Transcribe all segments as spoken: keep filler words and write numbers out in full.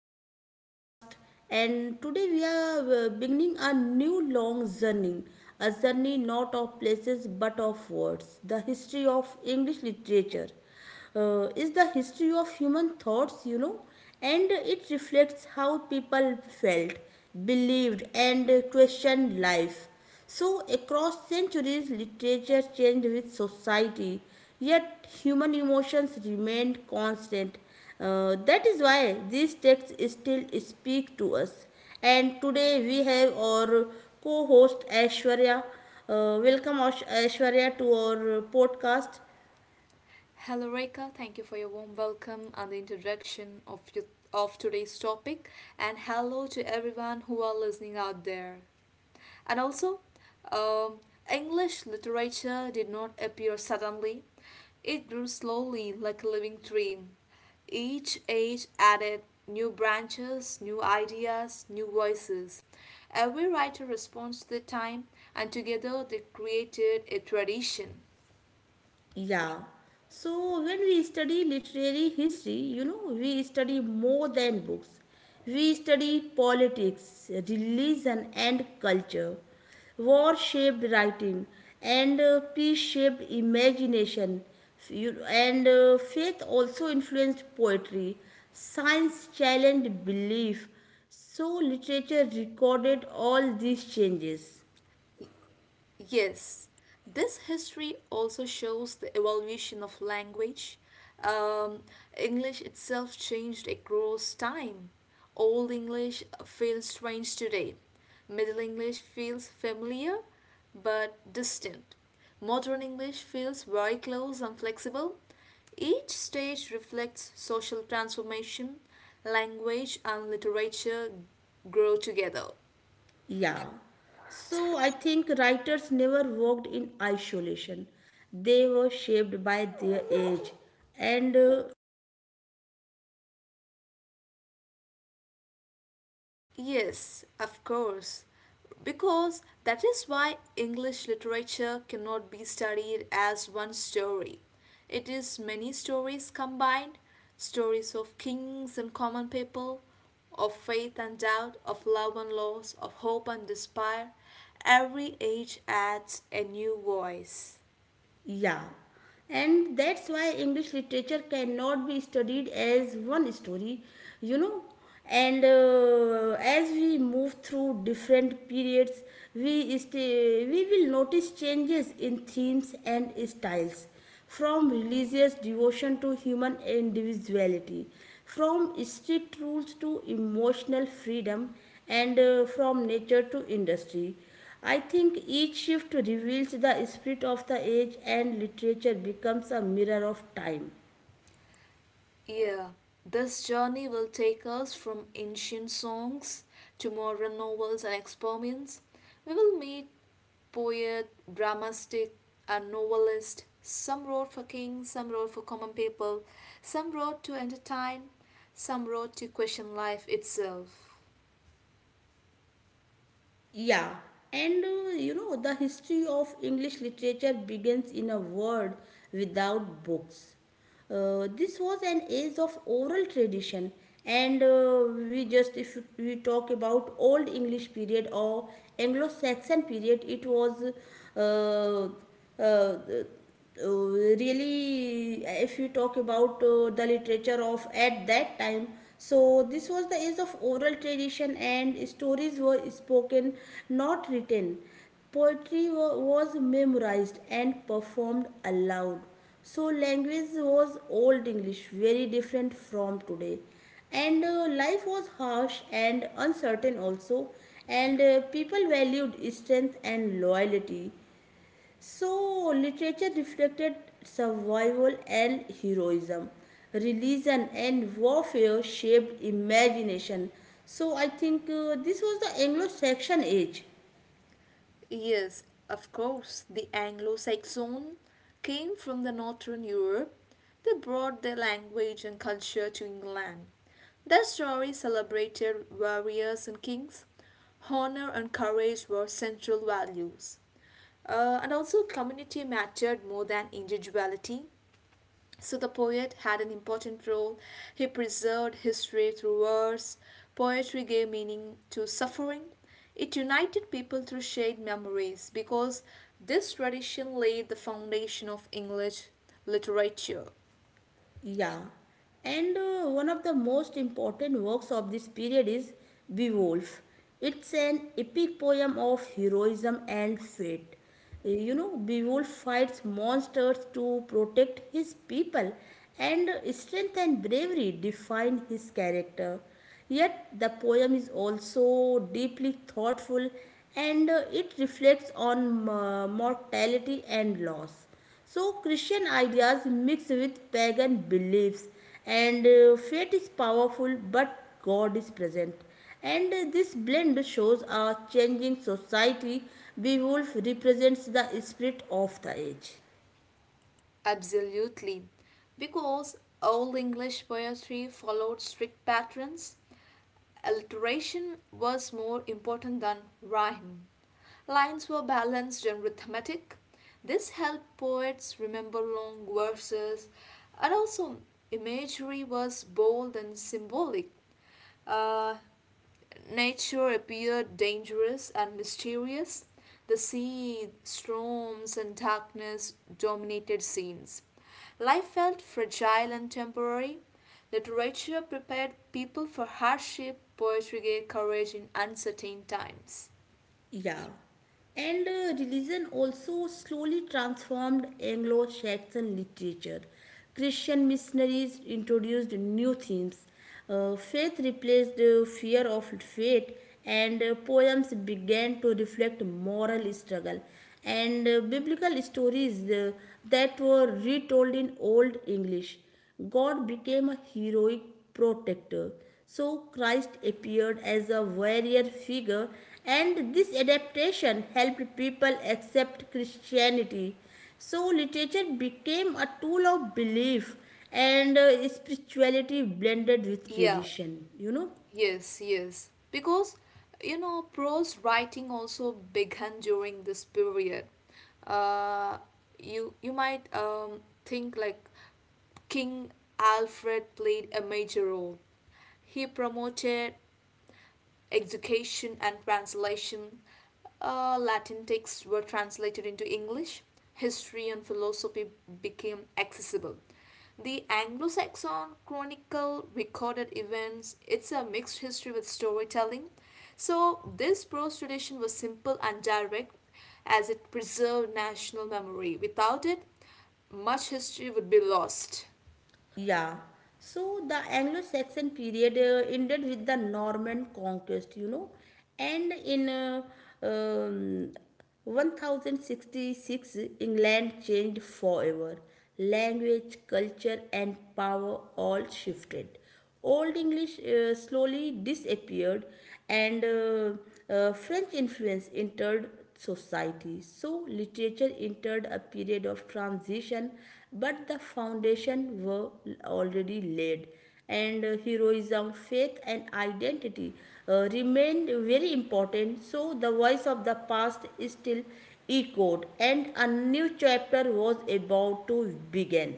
my podcast. And today we are uh, beginning a new long journey, a journey not of places but of words. The history of English literature uh, is the history of human thoughts, you know, and it reflects how people felt, believed, and questioned life. So, across centuries, literature changed with society, yet human emotions remained constant. Uh, that is why these texts still speak to us. And today we have our co host Ashwarya. Uh, welcome, Ash- Aishwarya, to our podcast. Hello, Reka. Thank you for your warm welcome and the introduction of, your, of today's topic. And hello to everyone who are listening out there. And also, um, English literature did not appear suddenly, it grew slowly like a living tree. Each age added new branches, new ideas, new voices. Every writer responds to the time, and together they created a tradition. Yeah. So when we study literary history, you know, we study more than books. We study politics, religion, and culture. War shaped writing, and uh, peace shaped imagination. F- you- And uh, faith also influenced poetry. Science challenged belief. So literature recorded all these changes. Yes, this history also shows the evolution of language. Um, English itself changed across time. Old English feels strange today. Middle English feels familiar but distant. Modern English feels very close and flexible. Each stage reflects social transformation, language and literature grow together. Yeah. So I think writers never worked in isolation. They were shaped by their age. And uh, Yes, of course. Because that is why English literature cannot be studied as one story. It is many stories combined stories of kings and common people, of faith and doubt, of love and loss, of hope and despair. Every age adds a new voice. Yeah. And that's why English literature cannot be studied as one story, you know. And uh, As we move through different periods, we, stay, we will notice changes in themes and styles, from religious devotion to human individuality, from strict rules to emotional freedom, and uh, from nature to industry. I think each shift reveals the spirit of the age, and literature becomes a mirror of time. Yeah, this journey will take us from ancient songs to modern novels and experiments. We will meet poet, dramastic, and novelist. Some wrote for kings, some wrote for common people, some wrote to entertain, some wrote to question life itself. Yeah, and uh, you know, the history of English literature begins in a world without books. Uh, this was an age of oral tradition, and uh, we just, if we talk about Old English period or Anglo Saxon period, it was uh, uh, uh, really. Uh, if you talk about uh, the literature of at that time, so this was the age of oral tradition, and stories were spoken, not written. Poetry wa- was memorized and performed aloud. So language was Old English, very different from today, and uh, life was harsh and uncertain also. And uh, people valued strength and loyalty, so literature reflected survival and heroism. Religion and warfare shaped imagination. So, I think uh, this was the Anglo Saxon age. Yes, of course, the Anglo Saxon came from the northern Europe. They brought their language and culture to England. Their story celebrated warriors and kings. Honor and courage were central values. Uh, and also, community mattered more than individuality. So the poet had an important role. He preserved history through verse. Poetry gave meaning to suffering. It united people through shared memories because this tradition laid the foundation of English literature. Yeah, and uh, one of the most important works of this period is Beowulf. It's an epic poem of heroism and fate. Uh, You know, Beowulf fights monsters to protect his people, and uh, strength and bravery define his character. Yet, the poem is also deeply thoughtful, and uh, it reflects on uh, mortality and loss. So, Christian ideas mix with pagan beliefs, and uh, fate is powerful, but God is present. And uh, this blend shows a changing society. Beowulf represents the spirit of the age. Absolutely. Because Old English poetry followed strict patterns. Alliteration was more important than rhyme. Lines were balanced and rhythmic. This helped poets remember long verses, and also imagery was bold and symbolic. Uh, Nature appeared dangerous and mysterious. The sea, storms, and darkness dominated scenes. Life felt fragile and temporary. Literature prepared people for hardship, poetry gave courage in uncertain times. Yeah. And uh, religion also slowly transformed Anglo Saxon literature. Christian missionaries introduced new themes. Uh, faith replaced the fear of fate, and uh, poems began to reflect moral struggle. And uh, biblical stories uh, that were retold in Old English, God became a heroic protector. So Christ appeared as a warrior figure, and this adaptation helped people accept Christianity. So literature became a tool of belief, and uh, spirituality blended with Yeah. tradition, you know. Yes, yes. Because, you know, prose writing also began during this period. Uh, you you might um, think like King Alfred played a major role. He promoted education and translation. Uh, Latin texts were translated into English. History and philosophy became accessible. The Anglo Saxon Chronicle recorded events. It's a mixed history with storytelling. So, this prose tradition was simple and direct as it preserved national memory. Without it, much history would be lost. Yeah. So the Anglo-Saxon period uh, ended with the Norman conquest, you know, and in uh, um, ten sixty-six England changed forever. Language, culture, and power all shifted. Old English uh, slowly disappeared, and uh, uh, French influence entered society. So, literature entered a period of transition, but the foundation were already laid. And uh, heroism, faith, and identity uh, remained very important. So, the voice of the past is still echoed, and a new chapter was about to begin.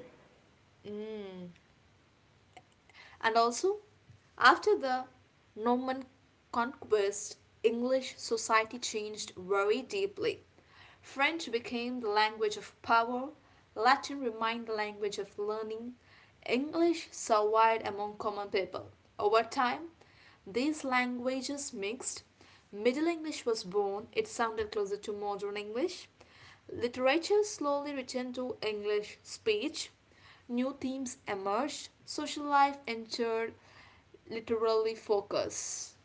And also, after the Norman conquest, English society changed very deeply. French became the language of power, Latin remained the language of learning, English survived among common people. Over time, these languages mixed. Middle English was born, it sounded closer to modern English. Literature slowly returned to English speech. New themes emerged. Social life entered literally focus.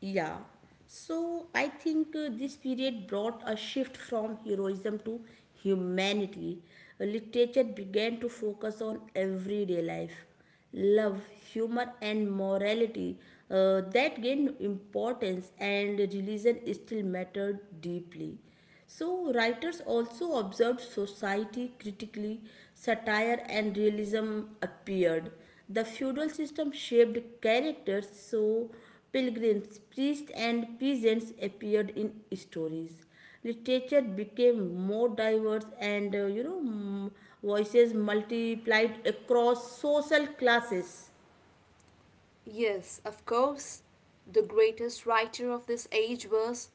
Yeah. So I think uh, this period brought a shift from heroism to humanity. Uh, Literature began to focus on everyday life, love, humor, and morality uh, that gained importance, and religion still mattered deeply. So, writers also observed society critically, satire and realism appeared. The feudal system shaped characters, so pilgrims, priests, and peasants appeared in stories. Literature became more diverse, and uh, you know, mm, voices multiplied across social classes. Yes, of course. The greatest writer of this age was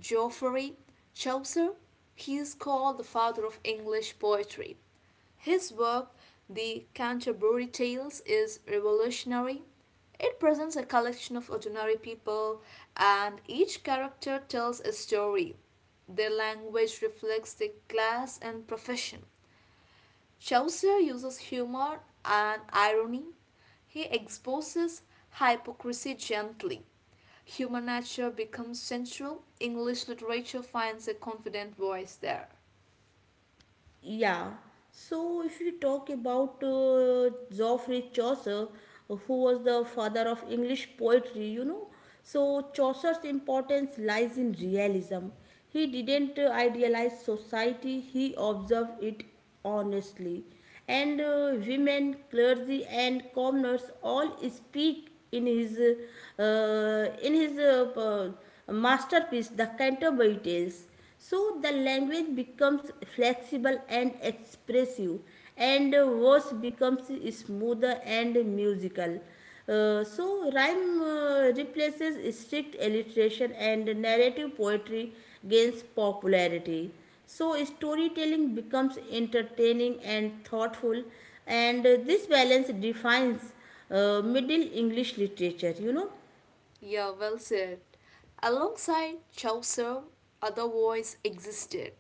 Geoffrey Chaucer. He is called the father of English poetry. His work, The Canterbury Tales, is revolutionary. It presents a collection of ordinary people, and each character tells a story. Their language reflects their class and profession. Chaucer uses humor and irony. He exposes hypocrisy gently. Human nature becomes central. English literature finds a confident voice there. Yeah. So if we talk about uh, Geoffrey Chaucer, who was the father of English poetry, you know, so Chaucer's importance lies in realism. He didn't uh, idealize society, he observed it honestly. And uh, women, clergy, and commoners all speak in his uh, in his uh, uh, masterpiece, The Canterbury Tales. So the language becomes flexible and expressive, and uh, verse becomes smoother and musical. Uh, so, rhyme uh, replaces strict alliteration, and narrative poetry gains popularity. So, storytelling becomes entertaining and thoughtful, and uh, this balance defines uh, Middle English literature, you know. Yeah, well said. Alongside Chaucer, other voices existed.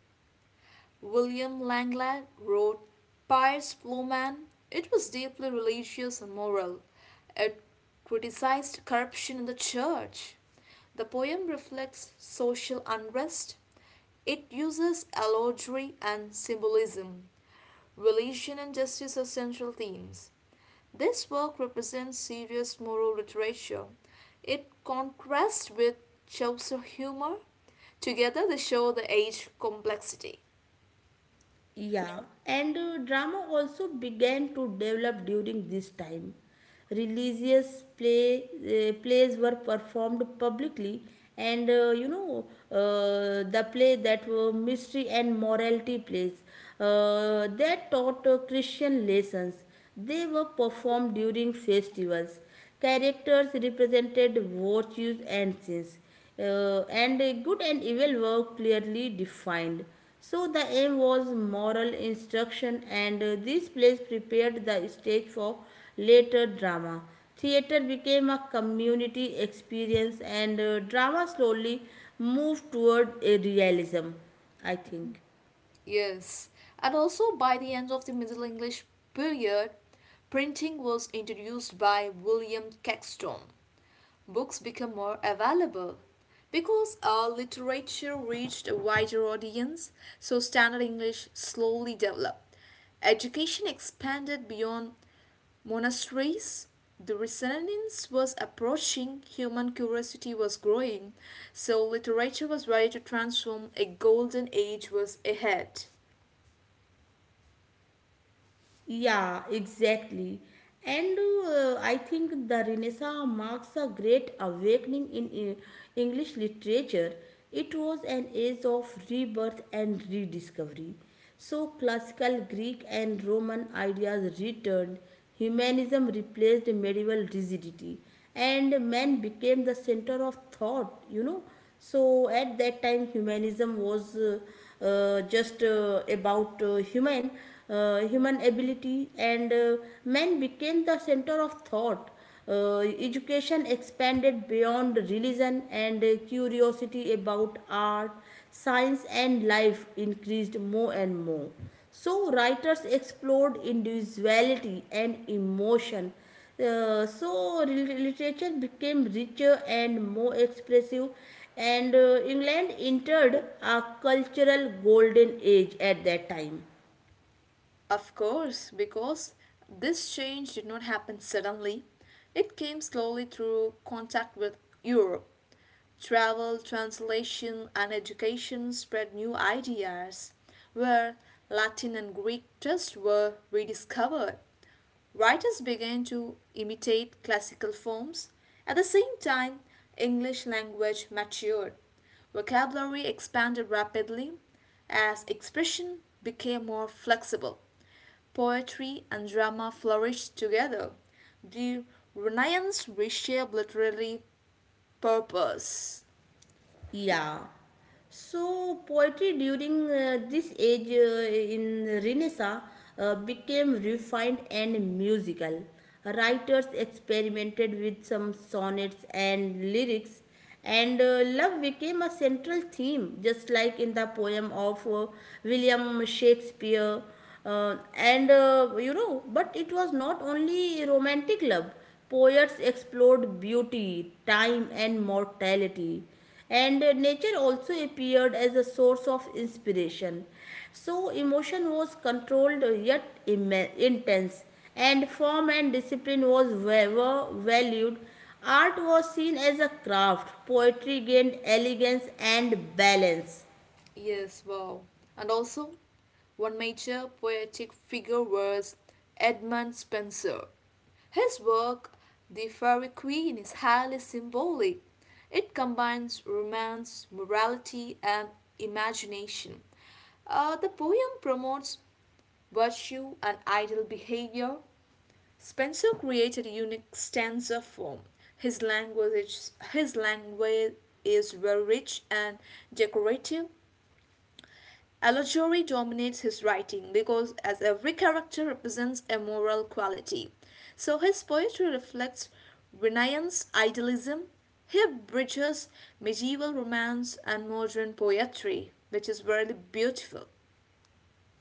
William Langland wrote Pious Plowman. It was deeply religious and moral. It criticized corruption in the church. The poem reflects social unrest. It uses allegory and symbolism. Religion and justice are central themes. This work represents serious moral literature. It contrasts with Chaucer humor. Together, they show the age complexity. Yeah, and uh, drama also began to develop during this time. Religious play, uh, plays were performed publicly, and uh, you know, uh, the play that were mystery and morality plays uh, that taught uh, Christian lessons. They were performed during festivals. Characters represented virtues and sins, uh, and good and evil were clearly defined. So the aim was moral instruction, and uh, this place prepared the stage for later drama. Theater became a community experience, and uh, drama slowly moved toward a realism, I think. Yes, and also by the end of the Middle English period, printing was introduced by William Caxton. Books became more available. Because our literature reached a wider audience, so Standard English slowly developed. Education expanded beyond monasteries. The resonance was approaching, human curiosity was growing, so literature was ready to transform, a golden age was ahead. Yeah, exactly. And uh, I think the Renaissance marks a great awakening in uh, English literature. It was an age of rebirth and rediscovery. So, classical Greek and Roman ideas returned, humanism replaced medieval rigidity, and man became the center of thought, you know so at that time humanism was uh, uh, just uh, about uh, human uh, human ability, and uh, man became the center of thought. uh, Education expanded beyond religion, and uh, curiosity about art, science, and life increased more and more. So, writers explored individuality and emotion. Uh, so, Literature became richer and more expressive, and uh, England entered a cultural golden age at that time. Of course, because this change did not happen suddenly. It came slowly through contact with Europe. Travel, translation, and education spread new ideas, where Latin and Greek texts were rediscovered. Writers began to imitate classical forms. At the same time, English language matured. Vocabulary expanded rapidly as expression became more flexible. Poetry and drama flourished together. The Renaissance reshaped literary purpose. Yeah. So poetry during uh, this age uh, in Renaissance uh, became refined and musical. Writers experimented with some sonnets and lyrics, and uh, love became a central theme, just like in the poem of uh, William Shakespeare. Uh, and uh, You know, but it was not only romantic love. Poets explored beauty, time, and mortality. And uh, nature also appeared as a source of inspiration. So, emotion was controlled, uh, yet imme- intense, and form and discipline was wa- were valued. Art was seen as a craft, poetry gained elegance and balance. Yes, wow. And also, one major poetic figure was Edmund Spenser. His work, The Faerie Queene*, is highly symbolic. It combines romance, morality, and imagination. Uh, the poem promotes virtue and ideal behavior, Spencer created a unique stanza form. His language, his language is very rich and decorative. Allegory dominates his writing because, as every character represents a moral quality, so his poetry reflects Renaissance idealism. He bridges medieval romance and modern poetry, which is really beautiful.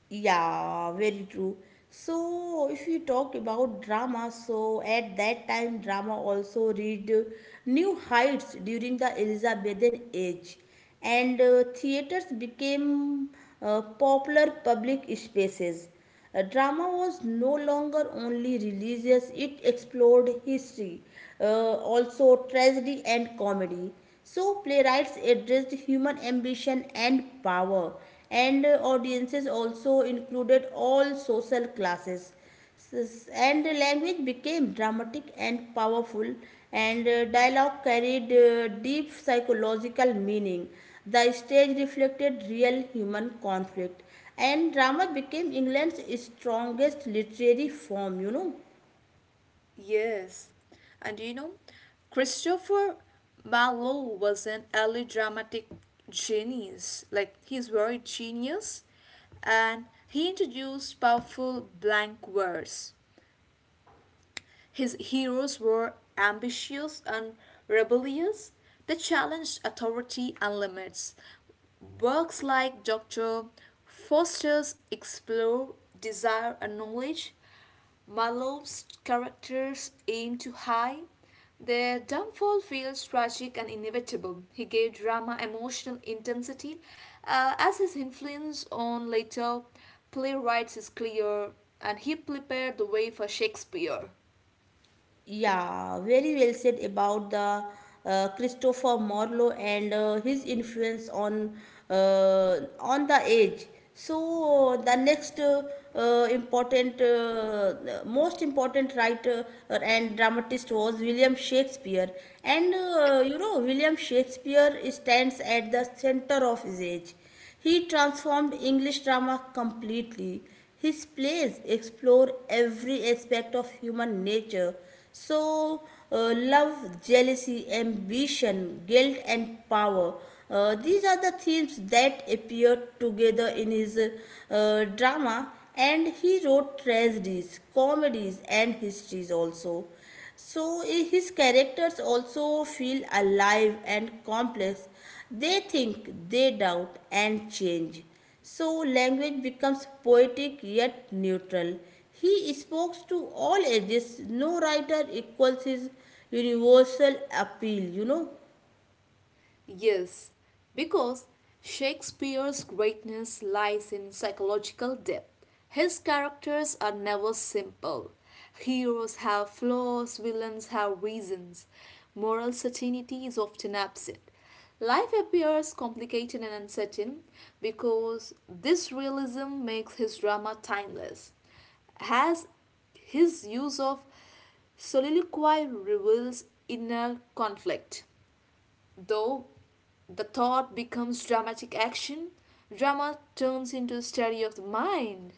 Yeah, very true. So, if we talk about drama, so at that time, drama also reached new heights during the Elizabethan age, and uh, theaters became uh, popular public spaces. Uh, drama was no longer only religious, it explored history, uh, also tragedy and comedy. So, playwrights addressed human ambition and power, and uh, audiences also included all social classes, and language became dramatic and powerful, and uh, dialogue carried uh, deep psychological meaning. The stage reflected real human conflict, and drama became England's strongest literary form, you know Yes, and you know, Christopher Marlowe was an early dramatic genius. Like he's very genius, and he introduced powerful blank verse. His heroes were ambitious and rebellious. They challenged authority and limits. Works like Doctor Foster's explore desire and knowledge. Marlowe's characters aim too high. Their downfall feels tragic and inevitable. He gave drama emotional intensity, uh, as his influence on later playwrights is clear, and he prepared the way for Shakespeare. Yeah, very well said about the uh, Christopher Marlowe and uh, his influence on uh, on the age. So the next uh, uh, important, uh, most important writer and dramatist was William Shakespeare, and uh, you know, William Shakespeare stands at the center of his age. He transformed English drama completely. His plays explore every aspect of human nature. So, uh, love, jealousy, ambition, guilt, and power. Uh, these are the themes that appear together in his uh, drama, and he wrote tragedies, comedies, and histories also. So eh, his characters also feel alive and complex. They think, they doubt, and change. So language becomes poetic yet neutral. He speaks to all ages. No writer equals his universal appeal, you know. Yes, because Shakespeare's greatness lies in psychological depth. His characters are never simple. Heroes have flaws, villains have reasons. Moral certainty is often absent. Life appears complicated and uncertain because this realism makes his drama timeless. As his use of soliloquy reveals inner conflict. Though the thought becomes dramatic action, drama turns into a study of the mind.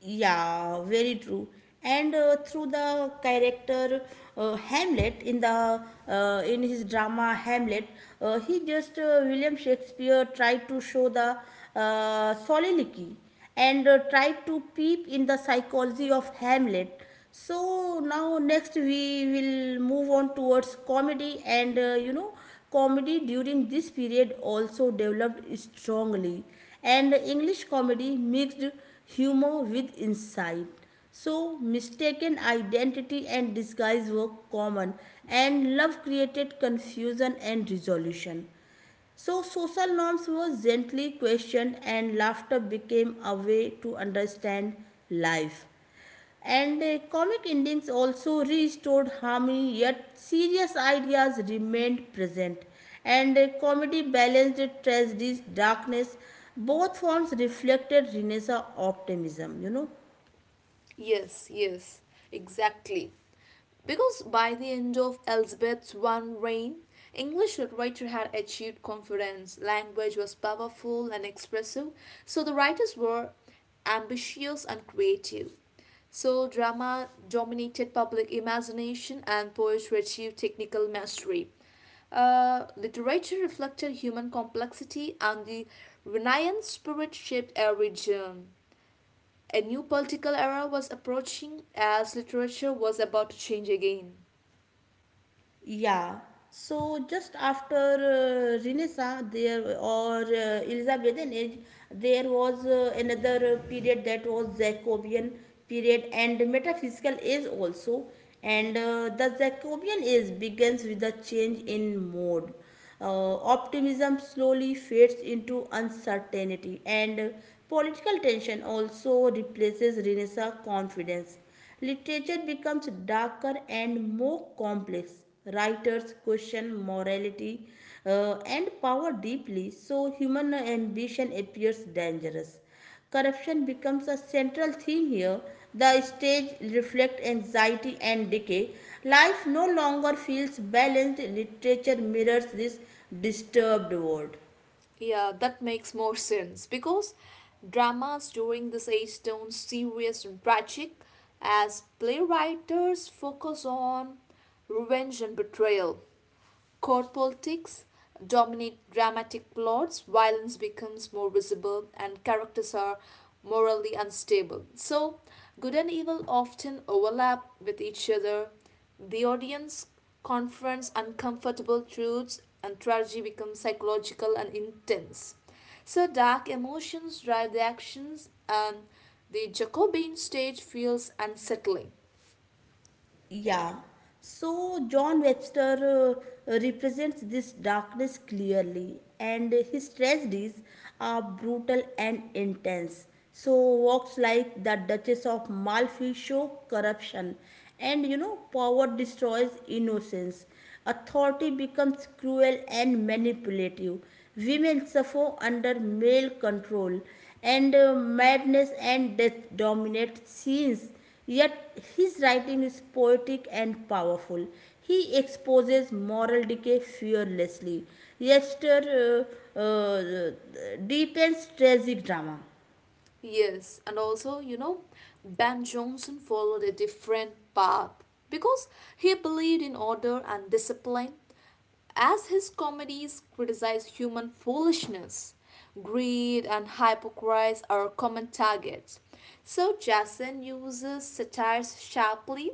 Yeah, very true. And uh, through the character uh, Hamlet in the uh, in his drama Hamlet, uh, he just uh, William Shakespeare tried to show the uh, soliloquy, and uh, tried to peep in the psychology of Hamlet. So now next we will move on towards comedy, and uh, you know comedy during this period also developed strongly, and English comedy mixed humor with insight. So mistaken identity and disguise were common, and love created confusion and resolution. So social norms were gently questioned, and laughter became a way to understand life. And uh, comic endings also restored harmony, yet serious ideas remained present. And uh, comedy balanced tragedies, darkness. Both forms reflected Renaissance optimism, you know. Yes, yes, exactly. Because by the end of Elizabeth's one reign, English literature had achieved confidence, language was powerful and expressive, so the writers were ambitious and creative. So drama dominated public imagination and poetry achieved technical mastery. Uh, literature reflected human complexity and the Renaissance spirit shaped a region. A new political era was approaching as literature was about to change again. Yeah. So just after uh, Renaissance there, or uh, Elizabethan age, there was uh, another uh, period that was Jacobean period and metaphysical age also. And uh, the Jacobean age begins with a change in mode. Uh, optimism slowly fades into uncertainty, and political tension also replaces Renaissance confidence. Literature becomes darker and more complex. Writers question morality uh, and power deeply, so human ambition appears dangerous. Corruption becomes a central theme here. The stage reflects anxiety and decay. Life no longer feels balanced. Literature mirrors this disturbed world. Yeah, that makes more sense because dramas during this age turn serious and tragic as playwriters focus on revenge and betrayal. Court politics dominate dramatic plots, violence becomes more visible, and characters are morally unstable. So, good and evil often overlap with each other. The audience confronts uncomfortable truths, and tragedy becomes psychological and intense. So, dark emotions drive the actions, and the Jacobean stage feels unsettling. Yeah. So John Webster uh, represents this darkness clearly, and his tragedies are brutal and intense. So works like the Duchess of Malfi show corruption, and you know power destroys innocence. Authority becomes cruel and manipulative. Women suffer under male control, and uh, madness and death dominate scenes. Yet his writing is poetic and powerful. He exposes moral decay fearlessly. Yester uh, uh, Deepens tragic drama. Yes, and also, you know, Ben Johnson followed a different path because he believed in order and discipline. As his comedies criticize human foolishness, greed, and hypocrisy are common targets. So Jason uses satires sharply,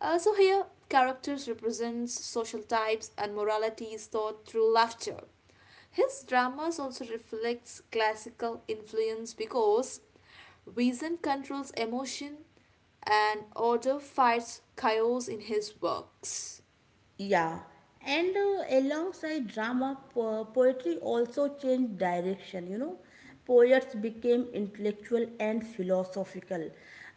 uh, so here, characters represents social types and moralities taught through laughter. His dramas also reflects classical influence because reason controls emotion and order fights chaos in his works. Yeah, and uh, alongside drama, po- poetry also changed direction. You know, poets became intellectual and philosophical.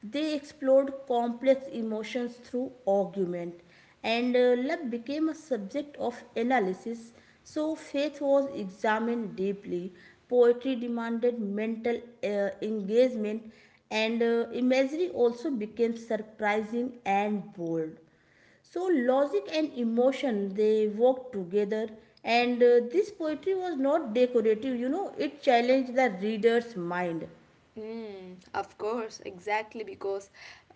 They explored complex emotions through argument, and uh, love became a subject of analysis. So faith was examined deeply. Poetry demanded mental uh, engagement, and uh, imagery also became surprising and bold, so logic and emotion, they worked together, and uh, this poetry was not decorative you know it challenged the reader's mind. Mm, of course, exactly because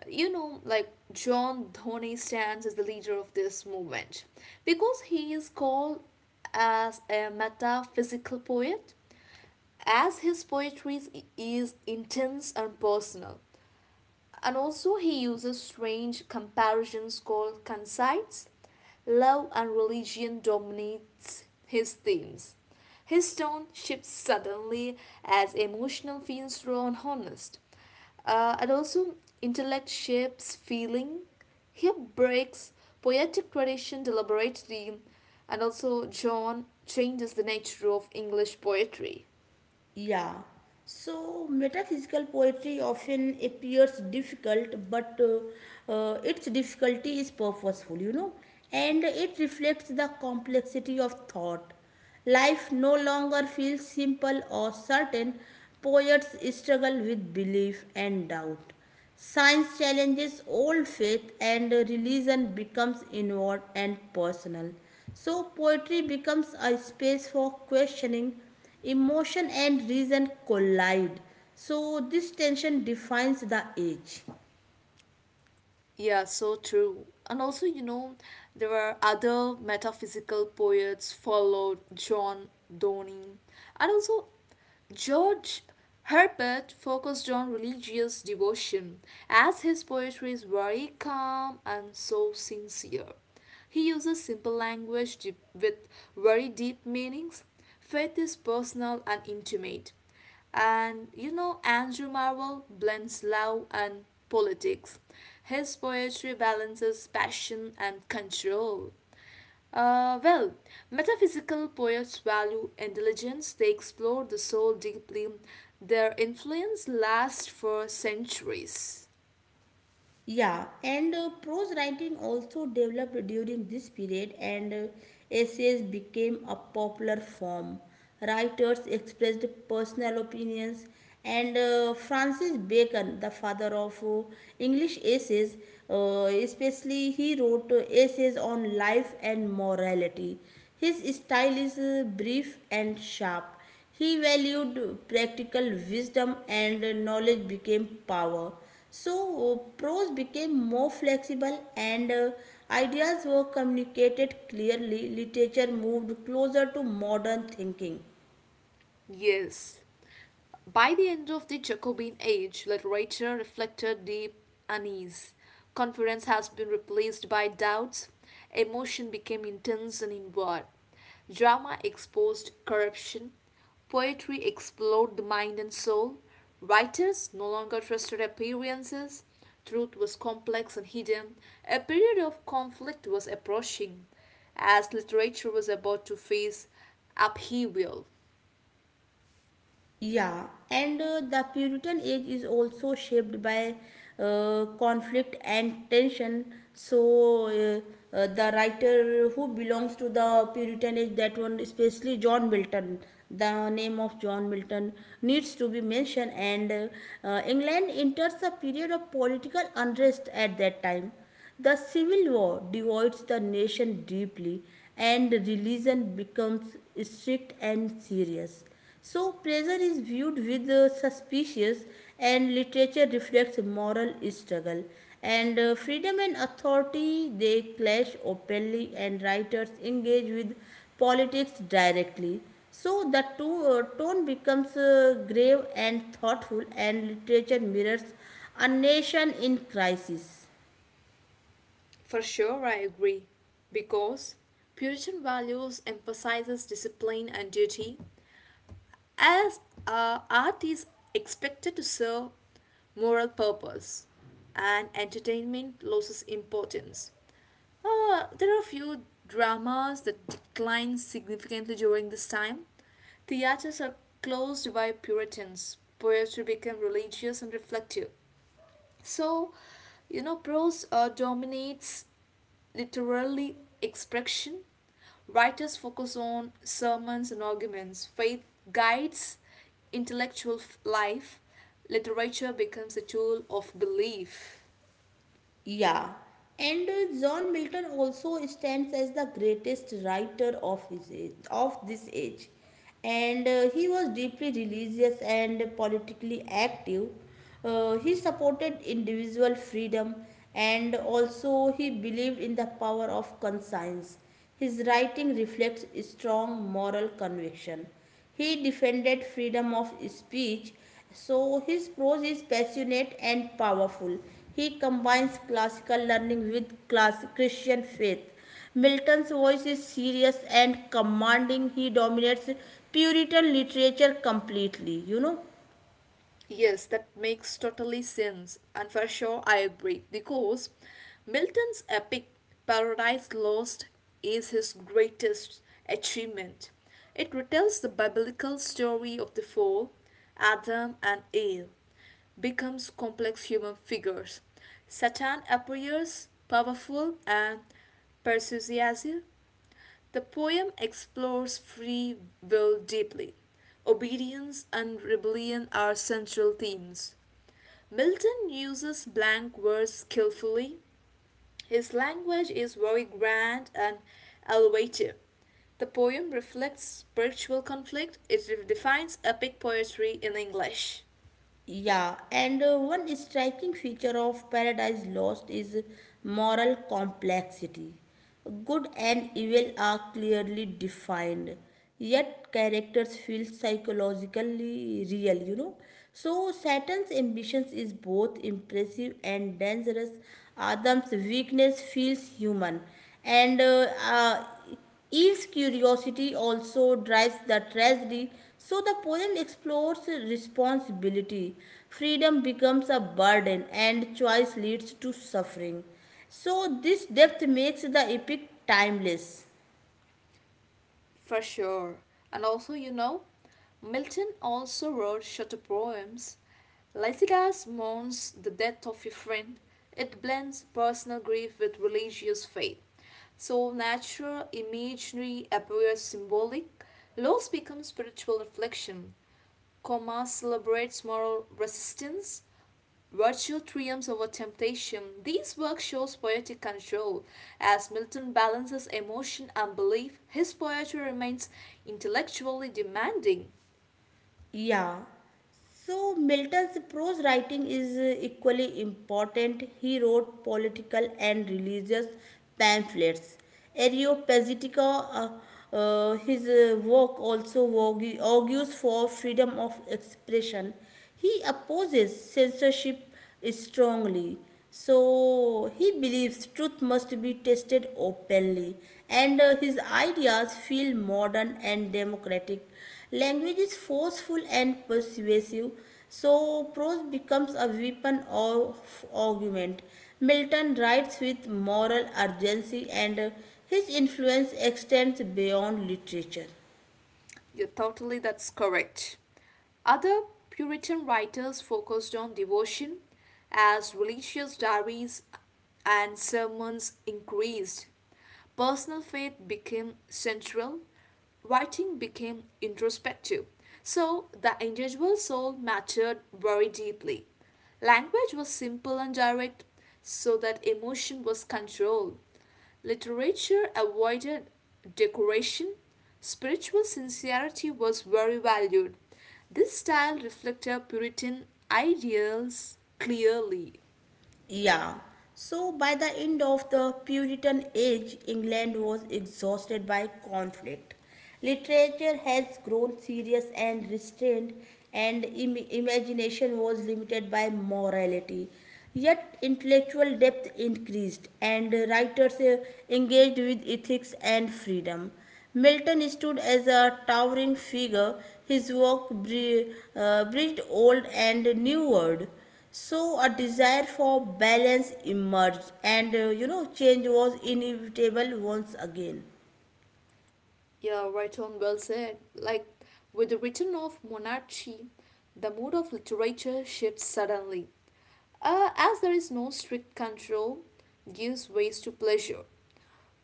you know, like John Dhoni stands as the leader of this movement because he is called as a metaphysical poet as his poetry is- intense and personal. And also, he uses strange comparisons called conceits. Love and religion dominates his themes. His tone shifts suddenly as emotional feels raw and honest. Uh, and also, intellect shapes feeling. He breaks poetic tradition deliberately, and also, John changes the nature of English poetry. Yeah. So metaphysical poetry often appears difficult, but uh, uh, its difficulty is purposeful, you know, and it reflects the complexity of thought. Life no longer feels simple or certain. Poets struggle with belief and doubt. Science challenges old faith, and religion becomes inward and personal. So poetry becomes a space for questioning. Emotion and reason collide. So this tension defines the age. Yeah, so true. And also, you know, there were other metaphysical poets followed John Donne. And also, George Herbert focused on religious devotion, as his poetry is very calm and so sincere. He uses simple language deep- with very deep meanings. Faith is personal and intimate. And you know, Andrew Marvell blends love and politics. His poetry balances passion and control. Uh, well, metaphysical poets value intelligence, they explore the soul deeply. Their influence lasts for centuries. Yeah, and uh, prose writing also developed during this period, and uh, essays became a popular form. Writers expressed personal opinions, and uh, Francis Bacon, the father of uh, English essays, uh, especially, he wrote uh, essays on life and morality. His style is uh, brief and sharp. He valued practical wisdom, and knowledge became power. So, uh, prose became more flexible, and uh, ideas were communicated clearly. Literature moved closer to modern thinking. Yes. By the end of the Jacobean age, literature reflected deep unease. Confidence has been replaced by doubts. Emotion became intense and inward. Drama exposed corruption. Poetry explored the mind and soul. Writers no longer trusted appearances. Truth was complex and hidden. A period of conflict was approaching as literature was about to face upheaval. Yeah, and uh, the Puritan age is also shaped by uh, conflict and tension. So, uh, uh, the writer who belongs to the Puritan age, that one, especially John Milton, the name of John Milton needs to be mentioned. And uh, uh, England enters a period of political unrest at that time. The civil war divides the nation deeply, and religion becomes strict and serious. So pressure is viewed with uh, suspicious, and literature reflects moral struggle, and uh, freedom and authority, they clash openly, and writers engage with politics directly. So the to- uh, tone becomes uh, grave and thoughtful, and literature mirrors a nation in crisis. For sure, I agree. Because Puritan values emphasizes discipline and duty, as uh, art is expected to serve moral purpose, and entertainment loses importance. Uh, there are few dramas that decline significantly during this time. Theaters are closed by Puritans. Poetry became religious and reflective. So, you know, prose uh, dominates literary expression. Writers focus on sermons and arguments. Faith guides intellectual life. Literature becomes a tool of belief. Yeah, and uh, John Milton also stands as the greatest writer of his age, of this age, and uh, he was deeply religious and politically active. Uh, he supported individual freedom, and also he believed in the power of conscience. His writing reflects strong moral conviction. He defended freedom of speech, so his prose is passionate and powerful. He combines classical learning with class- Christian faith. Milton's voice is serious and commanding. He dominates Puritan literature completely, you know. Yes, that makes totally sense, and for sure I agree because Milton's epic Paradise Lost is his greatest achievement. It retells the biblical story of the fall, Adam and Eve, becomes complex human figures. Satan appears powerful and persuasive, the poem explores free will deeply. Obedience and rebellion are central themes. Milton uses blank verse skillfully. His language is very grand and elevated. The poem reflects spiritual conflict. It defines epic poetry in English. Yeah, and uh, one striking feature of Paradise Lost is moral complexity. Good and evil are clearly defined, yet characters feel psychologically real, you know. So Saturn's ambitions is both impressive and dangerous. Adam's weakness feels human, and uh, uh, Eve's curiosity also drives the tragedy, so the poem explores responsibility. Freedom becomes a burden, and choice leads to suffering. So this depth makes the epic timeless. For sure. And also, you know, Milton also wrote shorter poems. Lycidas mourns the death of a friend. It blends personal grief with religious faith. So natural imagery appears symbolic. Loss becomes spiritual reflection. Coma celebrates moral resistance. Virtue triumphs over temptation. These works shows poetic control. As Milton balances emotion and belief, his poetry remains intellectually demanding. Yeah. So Milton's prose writing is uh, equally important. He wrote political and religious pamphlets. Areopagitica, uh, uh, his uh, work also argue- argues for freedom of expression. He opposes censorship strongly. So he believes truth must be tested openly, and uh, his ideas feel modern and democratic. Language is forceful and persuasive, so prose becomes a weapon of argument. Milton writes with moral urgency, and uh, his influence extends beyond literature. Yeah, totally, that's correct. Other Puritan writers focused on devotion as religious diaries and sermons increased. Personal faith became central, writing became introspective. So the individual soul mattered very deeply. Language was simple and direct, so that emotion was controlled. Literature avoided decoration. Spiritual sincerity was very valued. This style reflected Puritan ideals clearly. Yeah. So by the end of the Puritan age, England was exhausted by conflict. Literature has grown serious and restrained, and Im- imagination was limited by morality. Yet intellectual depth increased, and writers uh, engaged with ethics and freedom. Milton stood as a towering figure. His work bre- uh, breathed old and new world. So a desire for balance emerged, and uh, you know, change was inevitable once again. Yeah, right on, well said. Like, with the return of monarchy, the mood of literature shifts suddenly. Uh, as there is no strict control, gives ways to pleasure.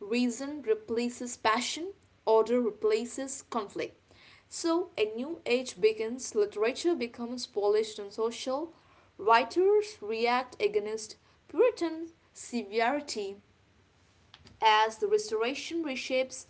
Reason replaces passion, order replaces conflict. So a new age begins, literature becomes polished and social, writers react against Puritan severity as the Restoration reshapes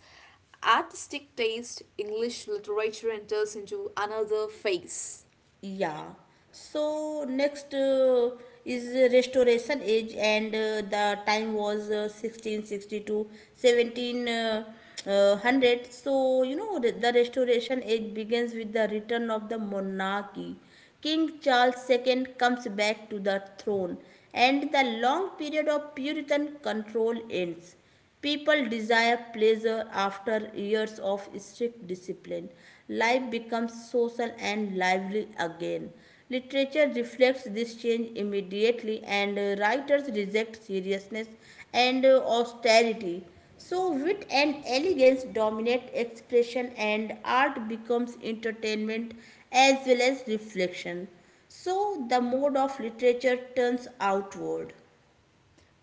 artistic taste, English literature enters into another phase. Yeah. So next uh, is the Restoration Age, and uh, the time was uh, sixteen sixty. Uh, uh, so, you know, the the restoration age begins with the return of the monarchy. King Charles the Second comes back to the throne, and the long period of puritan control ends. People desire pleasure after years of strict discipline. Life becomes social and lively again. Literature reflects this change immediately, and uh, writers reject seriousness and uh, austerity. So wit and elegance dominate expression, and art becomes entertainment as well as reflection. So the mode of literature turns outward.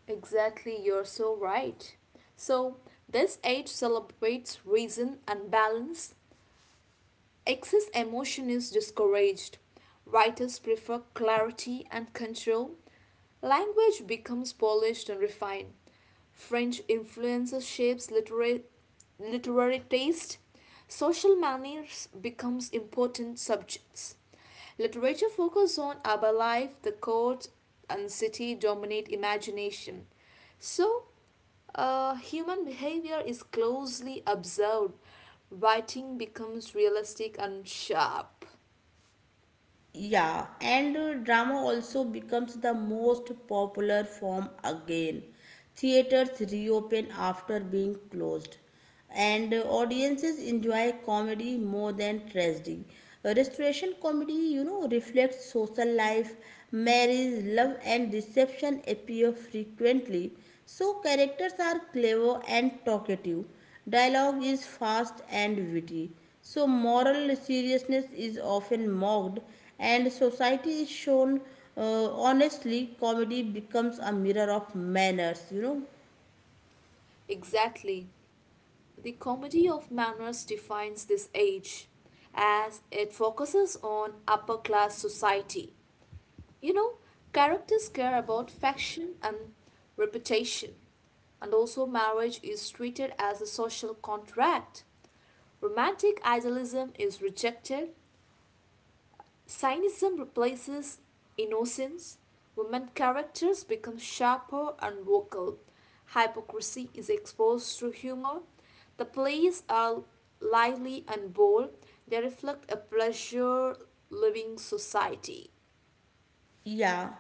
Exactly, you're so right. So, this age celebrates reason and balance, Excess emotion is discouraged. Writers prefer clarity and control. Language becomes polished and refined. French influences shapes literary, literary taste. Social manners becomes important subjects. Literature focuses on urban life, the court and city dominate imagination. So uh, human behavior is closely observed. Writing becomes realistic and sharp. Yeah, and uh, drama also becomes the most popular form again. Theaters reopen after being closed, and uh, audiences enjoy comedy more than tragedy. Uh, Restoration comedy, you know, reflects social life, marriage, love, and deception appear frequently. So characters are clever and talkative. Dialogue is fast and witty, so moral seriousness is often mocked, and society is shown uh, honestly. Comedy becomes a mirror of manners, you know. Exactly. The comedy of manners defines this age as it focuses on upper class society. You know, characters care about faction and reputation, and also marriage is treated as a social contract. Romantic idealism is rejected. Cynicism replaces innocence. Women characters become sharper and vocal. Hypocrisy is exposed through humor. The plays are lively and bold. They reflect a pleasure loving society. Yeah,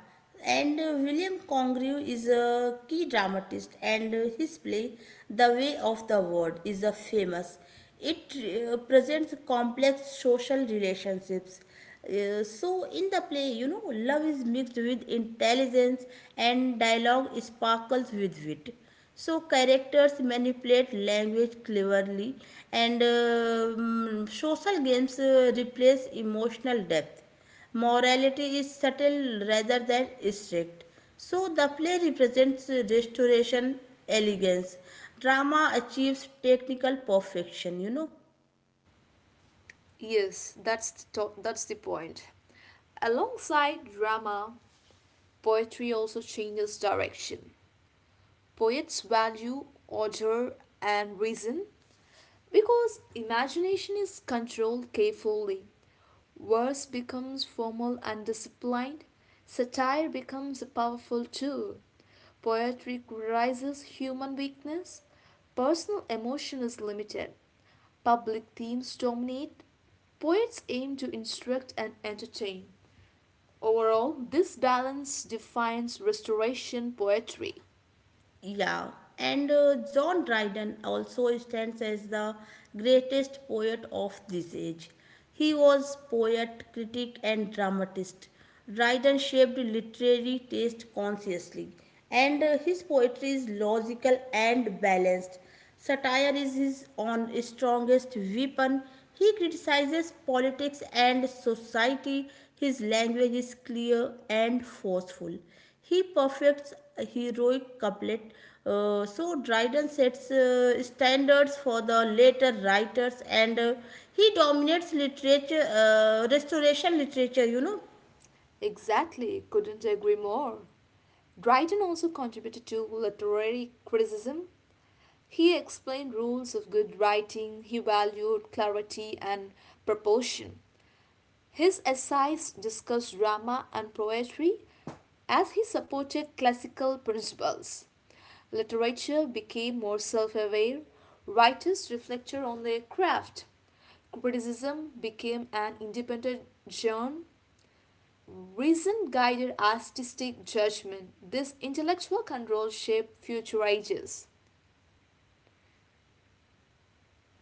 and uh, William Congreve is a key dramatist, and uh, his play, The Way of the World, is a famous. It uh, presents complex social relationships. Uh, so, in the play, you know, love is mixed with intelligence, and dialogue sparkles with wit. So characters manipulate language cleverly, and um, social games uh, replace emotional depth. Morality is subtle rather than strict. So the play represents restoration, elegance. Drama achieves technical perfection, you know. Yes, that's the to- that's the point. Alongside drama, poetry also changes direction. Poets value order and reason. Because imagination is controlled carefully, verse becomes formal and disciplined, satire becomes a powerful tool, poetry criticizes human weakness, personal emotion is limited, public themes dominate, poets aim to instruct and entertain. Overall, this balance defines restoration poetry. Yeah, and uh, John Dryden also stands as the greatest poet of this age. He was poet, critic, and dramatist. Dryden shaped literary taste consciously, and uh, his poetry is logical and balanced. Satire is his own strongest weapon. He criticizes politics and society. His language is clear and forceful. He perfects a heroic couplet. Uh, so Dryden sets uh, standards for the later writers, and uh, he dominates literature, uh, restoration literature, you know. Exactly, couldn't agree more. Dryden also contributed to literary criticism. He explained rules of good writing, he valued clarity and proportion. His essays discussed drama and poetry as he supported classical principles. Literature became more self aware, writers reflected on their craft. Criticism became an independent genre. Reason guided artistic judgment. This intellectual control shaped future ages.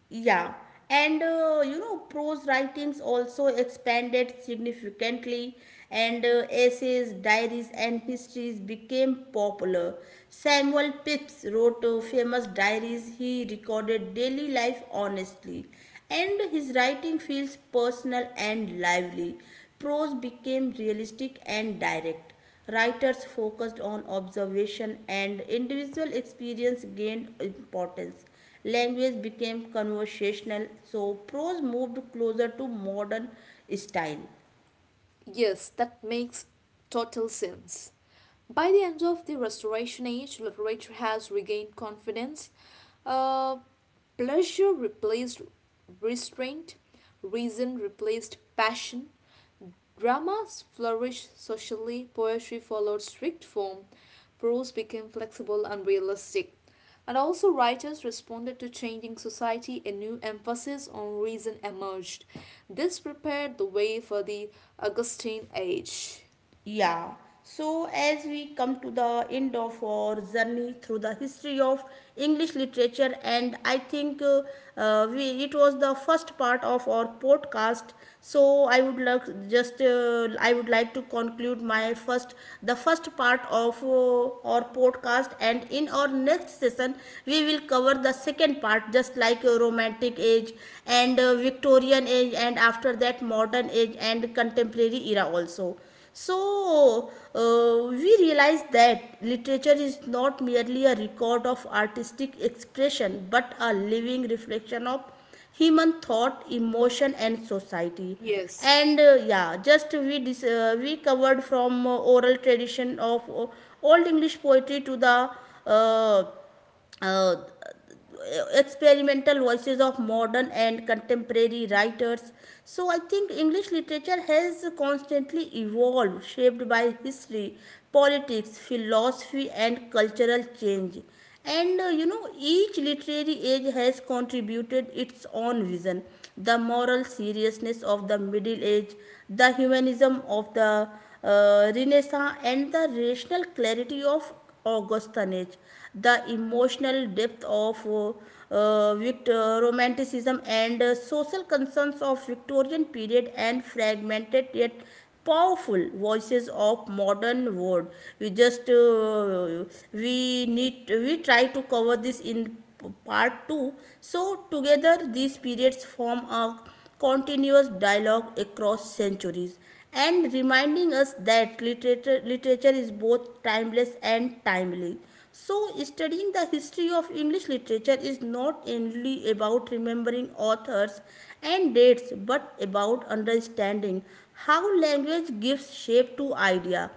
Yeah, and uh, you know, prose writings also expanded significantly, and uh, essays, diaries, and histories became popular. Samuel Pepys wrote uh, famous diaries. He recorded daily life honestly, and his writing feels personal and lively. Prose became realistic and direct. Writers focused on observation, and individual experience gained importance. Language became conversational, so prose moved closer to modern style. Yes, that makes total sense. By the end of the Restoration Age, literature has regained confidence. Uh, Pleasure replaced restraint, reason replaced passion, Dramas flourished socially, poetry followed strict form, prose became flexible and realistic. And also, writers responded to changing society, a new emphasis on reason emerged. This prepared the way for the Augustine age. Yeah. So, as we come to the end of our journey through the history of English literature, and I think uh, uh, we, it was the first part of our podcast. So I would like, just uh, I would like to conclude my first, the first part of uh, our podcast, and in our next session we will cover the second part, just like uh, romantic age and uh, Victorian age, and after that modern age and contemporary era also. So uh, we realize that literature is not merely a record of artistic expression but a living reflection of human thought, emotion, and society. Yes. And uh, yeah, just we dis- uh, we covered from uh, oral tradition of uh, Old English poetry to the uh, uh, uh, experimental voices of modern and contemporary writers. So I think English literature has constantly evolved, shaped by history, politics, philosophy, and cultural change. And uh, you know, each literary age has contributed its own vision, the moral seriousness of the Middle Age, the humanism of the uh, Renaissance, and the rational clarity of Augustanage, the emotional depth of uh, uh, uh, romanticism, and uh, social concerns of Victorian period, and fragmented yet powerful voices of modern world. We just uh, we need we try to cover this in part two. So together, these periods form a continuous dialogue across centuries and reminding us that literature, literature is both timeless and timely. So studying the history of English literature is not only about remembering authors and dates, but about understanding how language gives shape to idea,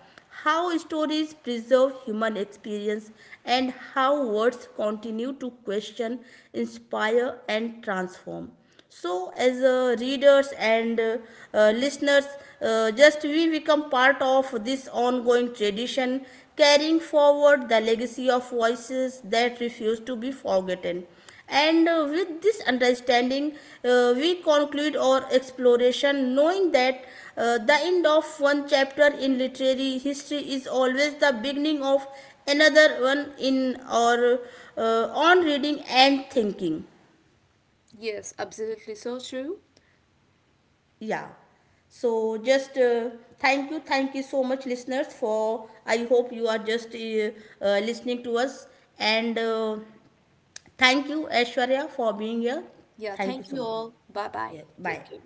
how stories preserve human experience, and how words continue to question, inspire, and transform. So as uh, readers and uh, uh, listeners, uh, just we become part of this ongoing tradition, carrying forward the legacy of voices that refuse to be forgotten. And uh, with this understanding, uh, we conclude our exploration, knowing that uh, the end of one chapter in literary history is always the beginning of another one in our uh, on reading and thinking. Yes, absolutely so true. Yeah. So just uh, thank you thank you so much, listeners, for I hope you are just uh, uh, listening to us. And uh, thank you, Aishwarya, for being here. Yeah, Thank you thank so you much. all. Bye bye. Yeah, bye. Take care.